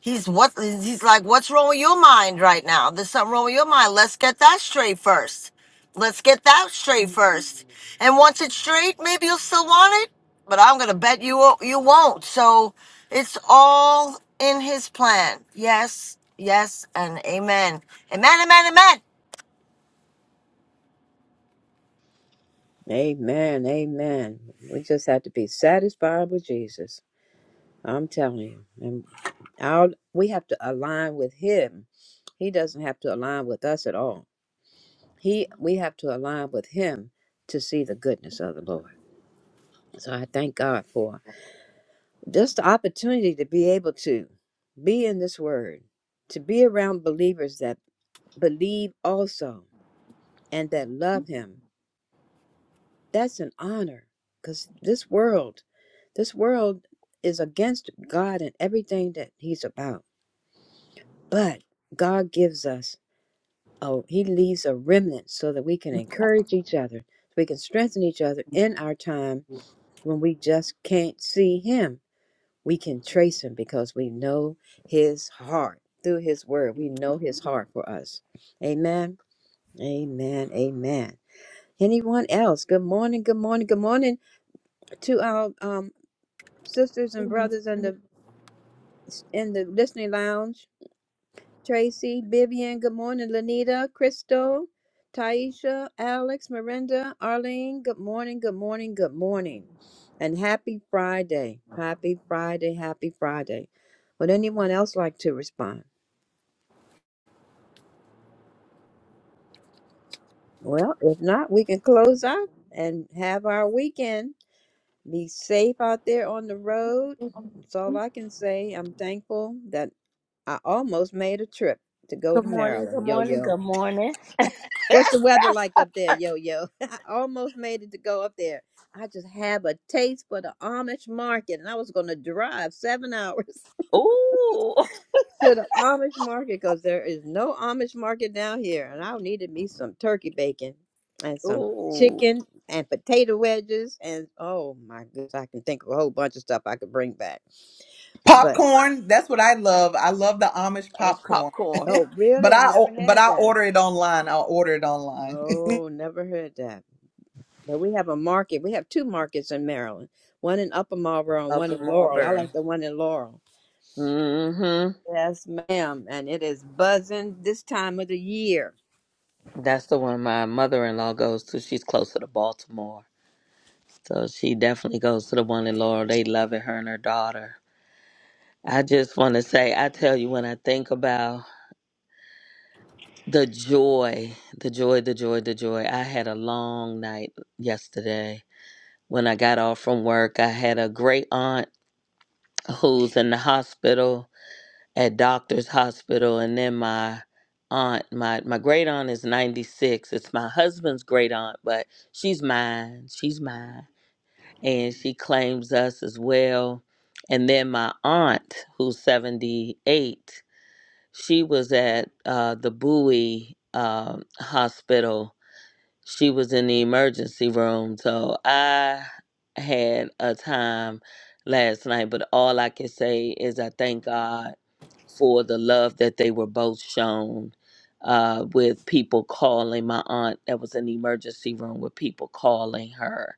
He's what he's like, what's wrong with your mind right now? There's something wrong with your mind. Let's get that straight first. Let's get that straight first. And once it's straight, maybe you'll still want it, but I'm gonna bet you wo- you won't. So it's all in his plan. Yes, yes, and amen. Amen, amen, amen.
Amen. Amen. We just have to be satisfied with Jesus. I'm telling you. And our, we have to align with him. He doesn't have to align with us at all. He we have to align with him to see the goodness of the Lord. So I thank God for just the opportunity to be able to be in this word, to be around believers that believe also and that love him That's an honor because this world, this world is against God and everything that He's about. But God gives us, oh, He leaves a remnant so that we can encourage each other, so we can strengthen each other in our time when we just can't see Him. We can trace Him because we know His heart through His Word. We know His heart for us. Amen. Amen. Amen. Anyone else? Good morning. Good morning. Good morning to our um sisters and brothers in the in the listening lounge. Tracy, Vivian, good morning. Lanita, Crystal, Taisha, Alex, Miranda, Arlene, good morning, good morning, good morning. And happy Friday. Happy Friday, happy Friday. Would anyone else like to respond? Well, if not, we can close out and have our weekend. Be safe out there on the road. That's all I can say. I'm thankful that I almost made a trip to go to
Good morning, good
Maryland, yo
morning,
yo.
good morning.
What's the weather like up there, yo yo? I almost made it to go up there. I just have a taste for the Amish market, and I was going to drive seven hours
Ooh,
to the Amish market because there is no Amish market down here, and I needed me some turkey bacon and some
ooh,
chicken and potato wedges, and oh my goodness, I can think of a whole bunch of stuff I could bring back. But
Popcorn. That's what I love. I love the Amish
that was
popcorn.
popcorn.
oh,
But
really? I've
I
never
o- but
had
I
that.
order it online. I'll order it online.
Oh, never heard that. But we have a market. We have two markets in Maryland, one in Upper Marlboro and
Up
one
from
in Laurel. I
Marlboro.
like the one in Laurel.
Mm-hmm.
Yes, ma'am. And it is buzzing this time of the year.
That's the one my mother-in-law goes to. She's closer to Baltimore, so she definitely goes to the one in Laurel. They love it, her and her daughter. I just want to say, I tell you, when I think about the joy, the joy, the joy, the joy. I had a long night yesterday when I got off from work. I had a great aunt who's in the hospital at doctor's hospital and then my aunt my my great aunt is 96 it's my husband's great aunt but she's mine she's mine and she claims us as well and then my aunt who's 78 she was at uh, the bowie um, hospital she was in the emergency room so i had a time last night but all i can say is i thank god for the love that they were both shown uh, with people calling my aunt. That was an emergency room with people calling her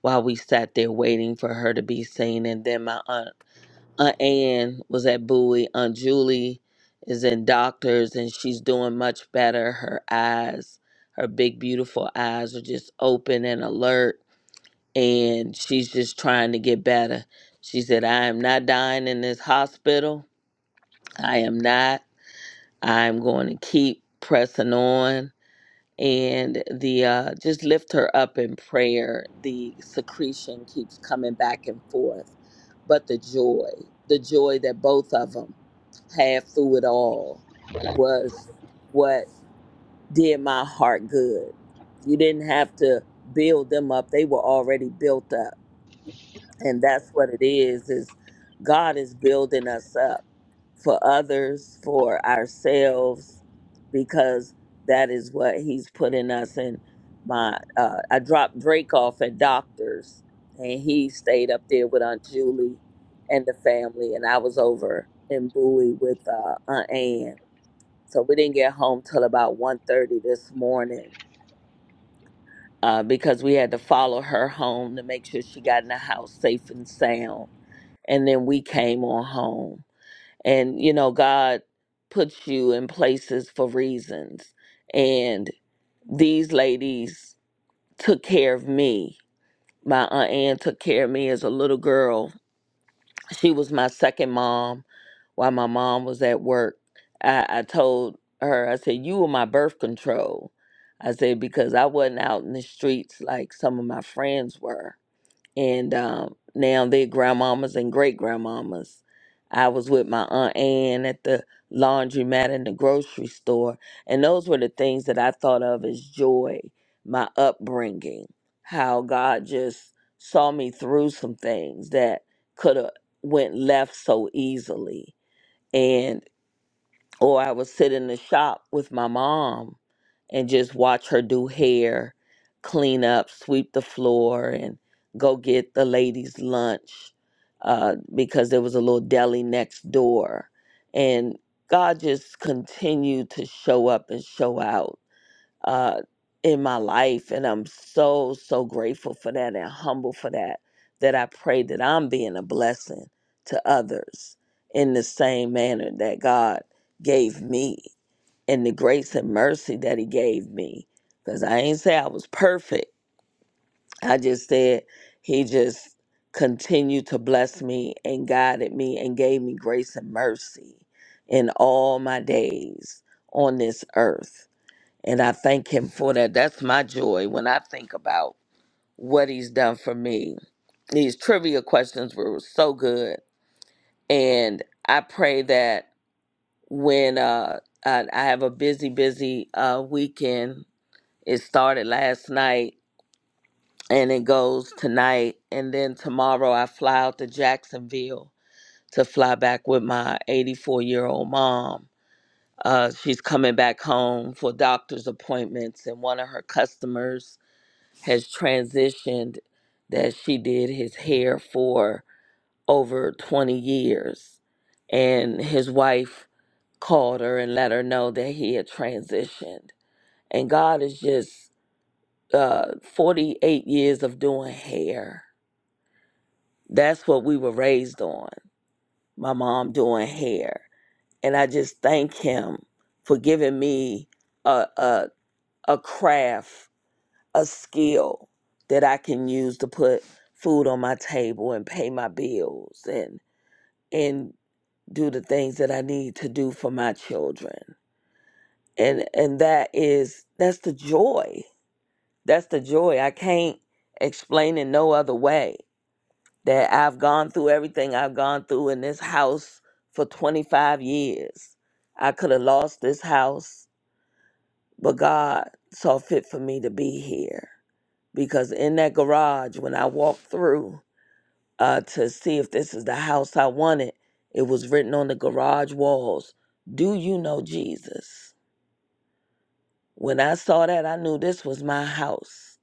while we sat there waiting for her to be seen. And then my aunt, Aunt Ann was at Bowie. Aunt Julie is in doctors and she's doing much better. Her eyes, her big, beautiful eyes are just open and alert. And she's just trying to get better. She said, I am not dying in this hospital. I am not. I'm going to keep pressing on and the uh just lift her up in prayer. The secretion keeps coming back and forth, but the joy, the joy that both of them had through it all was what did my heart good. You didn't have to build them up. They were already built up. And that's what it is is God is building us up for others, for ourselves, because that is what he's putting us in. My, uh, I dropped Drake off at doctors, and he stayed up there with Aunt Julie and the family, and I was over in Bowie with uh, Aunt Ann. So we didn't get home till about one thirty this morning uh, because we had to follow her home to make sure she got in the house safe and sound. And then we came on home and you know god puts you in places for reasons and these ladies took care of me my aunt ann took care of me as a little girl she was my second mom while my mom was at work i, I told her i said you were my birth control i said because i wasn't out in the streets like some of my friends were and um, now they're grandmamas and great grandmamas. I was with my aunt Ann at the laundromat in the grocery store, and those were the things that I thought of as joy, my upbringing, how God just saw me through some things that could have went left so easily, and. Or I would sit in the shop with my mom and just watch her do hair, clean up, sweep the floor, and go get the ladies' lunch uh, because there was a little deli next door. And God just continued to show up and show out uh, in my life. And I'm so, so grateful for that and humble for that, that I pray that I'm being a blessing to others in the same manner that God gave me and the grace and mercy that He gave me. Because I ain't say I was perfect. I just said He just continued to bless me and guided me and gave me grace and mercy in all my days on this earth and I thank him for that. That's my joy when I think about what he's done for me. These trivia questions were so good. And I pray that when uh, I, I have a busy, busy uh, weekend, it started last night and it goes tonight. And then tomorrow I fly out to Jacksonville to fly back with my 84 year old mom. Uh, she's coming back home for doctor's appointments, and one of her customers has transitioned that she did his hair for over 20 years. And his wife called her and let her know that he had transitioned. And God is just uh, 48 years of doing hair. That's what we were raised on. My mom doing hair. And I just thank him for giving me a, a, a craft a skill that I can use to put food on my table and pay my bills and and do the things that I need to do for my children. And and that is that's the joy. That's the joy. I can't explain it no other way that I've gone through everything I've gone through in this house for 25 years. I could have lost this house, but God saw fit for me to be here because in that garage when I walked through uh, to see if this is the house I wanted, it was written on the garage walls Do you know Jesus? When I saw that, I knew this was my house.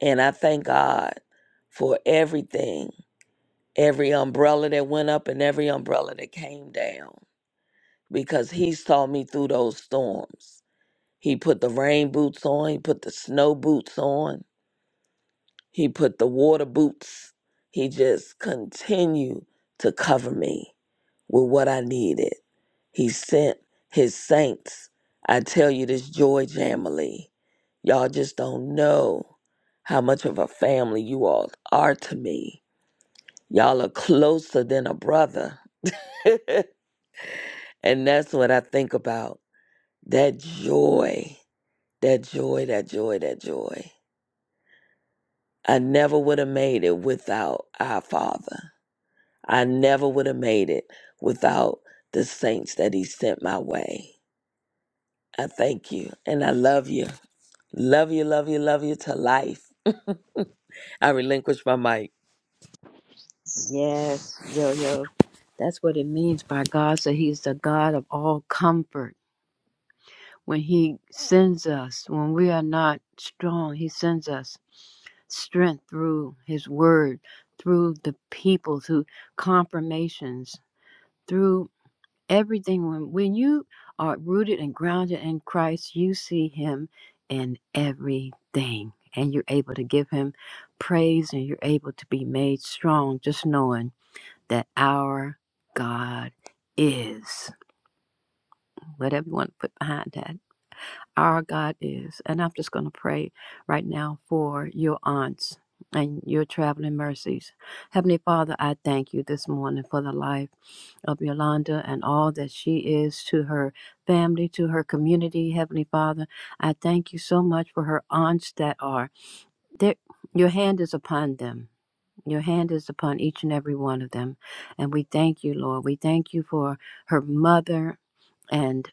And I thank God for everything every umbrella that went up and every umbrella that came down because He saw me through those storms. He put the rain boots on, He put the snow boots on, He put the water boots. He just continued to cover me with what I needed. He sent his saints. I tell you this joy jamily. Y'all just don't know how much of a family you all are to me. Y'all are closer than a brother. and that's what I think about. That joy, that joy, that joy, that joy. I never would have made it without our father. I never would have made it without the saints that he sent my way. I thank you and I love you. Love you, love you, love you to life. I relinquish my mic.
Yes, yo, yo. That's what it means by God. So He's the God of all comfort. When He sends us, when we are not strong, He sends us strength through His word, through the people, through confirmations, through everything when when you are rooted and grounded in Christ, you see him in everything and you're able to give him praise and you're able to be made strong just knowing that our God is whatever you want to put behind that our God is. And I'm just going to pray right now for your aunts and your traveling mercies. Heavenly Father, I thank you this morning for the life of Yolanda and all that she is to her family, to her community. Heavenly Father, I thank you so much for her aunts that are there. Your hand is upon them. Your hand is upon each and every one of them. And we thank you, Lord. We thank you for her mother. and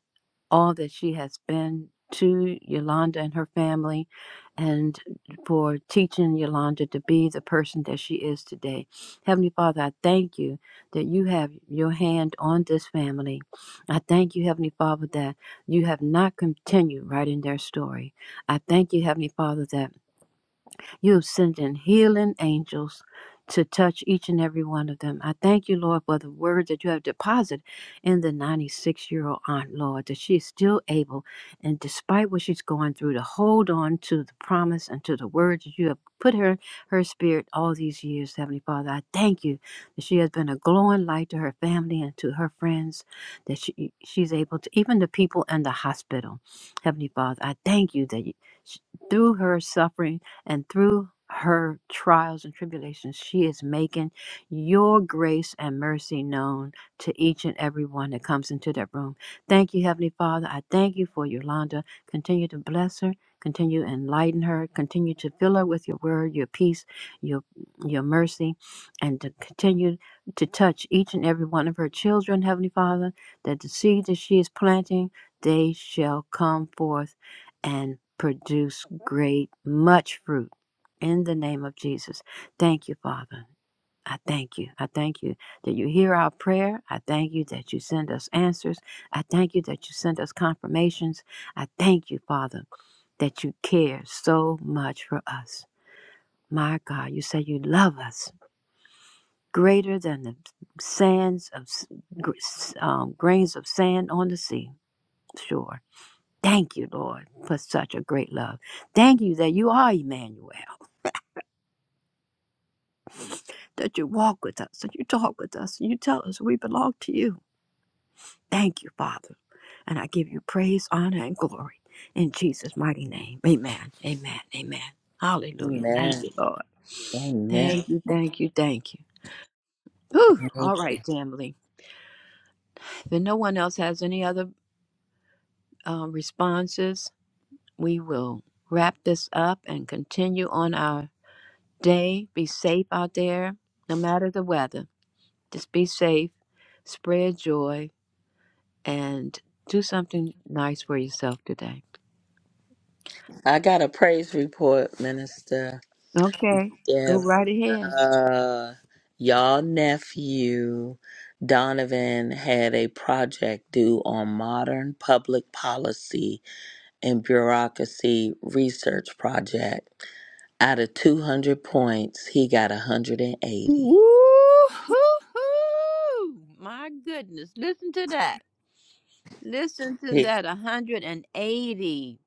all that she has been to Yolanda and her family, and for teaching Yolanda to be the person that she is today. Heavenly Father, I thank you that you have your hand on this family. I thank you, Heavenly Father, that you have not continued writing their story. I thank you, Heavenly Father, that. You have sent in healing angels to touch each and every one of them. I thank you, Lord, for the word that you have deposited in the 96 year old aunt, Lord, that she is still able, and despite what she's going through, to hold on to the promise and to the word that you have put her, her spirit all these years, Heavenly Father. I thank you that she has been a glowing light to her family and to her friends, that she, she's able to, even the people in the hospital. Heavenly Father, I thank you that you, through her suffering, and through her trials and tribulations, she is making your grace and mercy known to each and every one that comes into that room. Thank you, Heavenly Father. I thank you for Yolanda. Continue to bless her. Continue to enlighten her. Continue to fill her with your word, your peace, your your mercy, and to continue to touch each and every one of her children, Heavenly Father, that the seed that she is planting, they shall come forth and produce great, much fruit in the name of Jesus. Thank you, Father. I thank you. I thank you that you hear our prayer. I thank you that you send us answers. I thank you that you send us confirmations. I thank you, Father, that you care so much for us. My God, you say you love us greater than the sands of um, grains of sand on the sea shore. Thank you, Lord, for such a great love. Thank you that you are Emmanuel, that you walk with us, that you talk with us, and you tell us we belong to you. Thank you, Father. And I give you praise, honor, and glory in Jesus' mighty name. Amen. Amen. Amen. Hallelujah. Thank
Amen.
you, Lord.
Amen.
Thank you, thank you, thank you. Whew. All right, family. If no one else has any other uh, responses, we will wrap this up and continue on our day. Be safe out there, no matter the weather. Just be safe, spread joy, and do something nice for yourself today.
I got a praise report, Minister
Okay, go
Deb.
right ahead.
Uh, y'all nephew Donovan had a project due on modern public policy and bureaucracy research project. Out of 200 points, he got
Woo-hoo-hoo!
180.
My goodness, listen to that. Listen to
He-
that 180.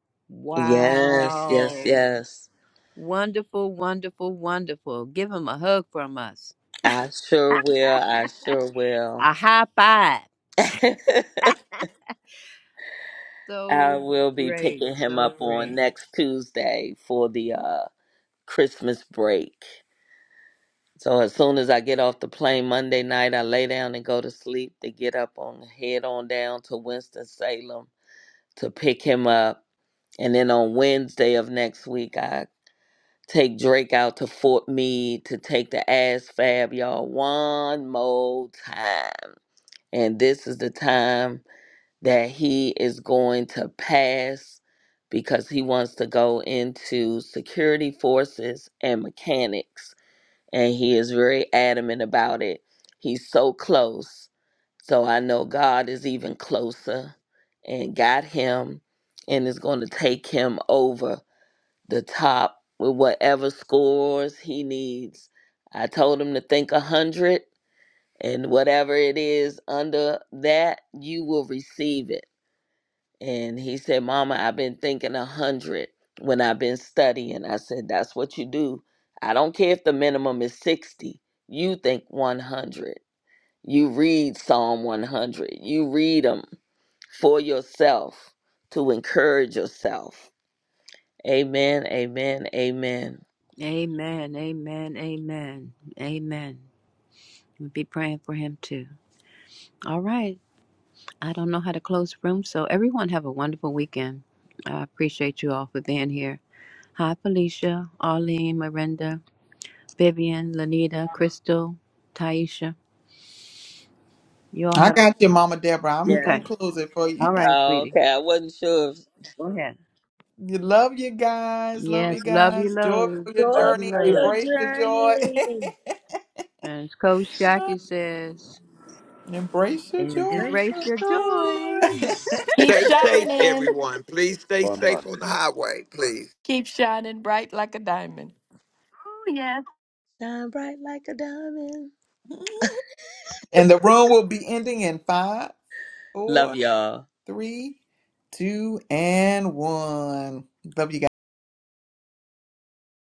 yes, yes,
Wow.
yes.
Wonderful, wonderful, wonderful. Give him a hug from us.
I sure will. I sure will.
A high five.
I
So
will be
great,
picking him
so
up on
great.
next Tuesday for the uh, Christmas break. So as soon as I get off the plane Monday night, I lay down and go to sleep to get up on head on down to Winston Salem to pick him up. And then on Wednesday of next week, I Take Drake out to Fort Meade to take the ass fab, y'all, one more time. And this is the time that he is going to pass because he wants to go into security forces and mechanics. And he is very adamant about it. He's so close. So I know God is even closer and got him and is going to take him over the top with whatever scores he needs. I told him to think a hundred and whatever it is under that, you will receive it. And he said, Mama, I've been thinking a hundred when I've been studying. I said, That's what you do. I don't care if the minimum is 60. You think 100. You read Psalm 100. You read them for yourself to encourage yourself. Amen, amen, amen.
Amen, amen, amen, amen. We'll be praying for him too. All right. I don't know how to close the room, so everyone have a wonderful weekend. I appreciate you all for being here. Hi, Felicia, Arlene, Miranda, Vivian, Lanita, Crystal, Taisha. You all
I
have.
got you, Mama Deborah. I'm gonna
Okay.
close it for you.
All right, sweetie.
Okay, I wasn't sure. If...
Go ahead.
You love you guys. Love you
Yes. Love you
guys. Joy
loads.
for your
Love
Joy
you
journey.
for your
loads.
Embrace your joy.
journey.
And as Coach Jackie says,
Embrace your joy.
Embrace
embrace
your
your joy.
joy.
Keep
Stay safe,
shining.
everyone. Please stay
on
safe on
Monday.
the highway, please.
Keep shining bright like a diamond.
Shine bright like a diamond.
And the room will be ending in five,
Love
four,
y'all.
three, two, and one. Love you guys.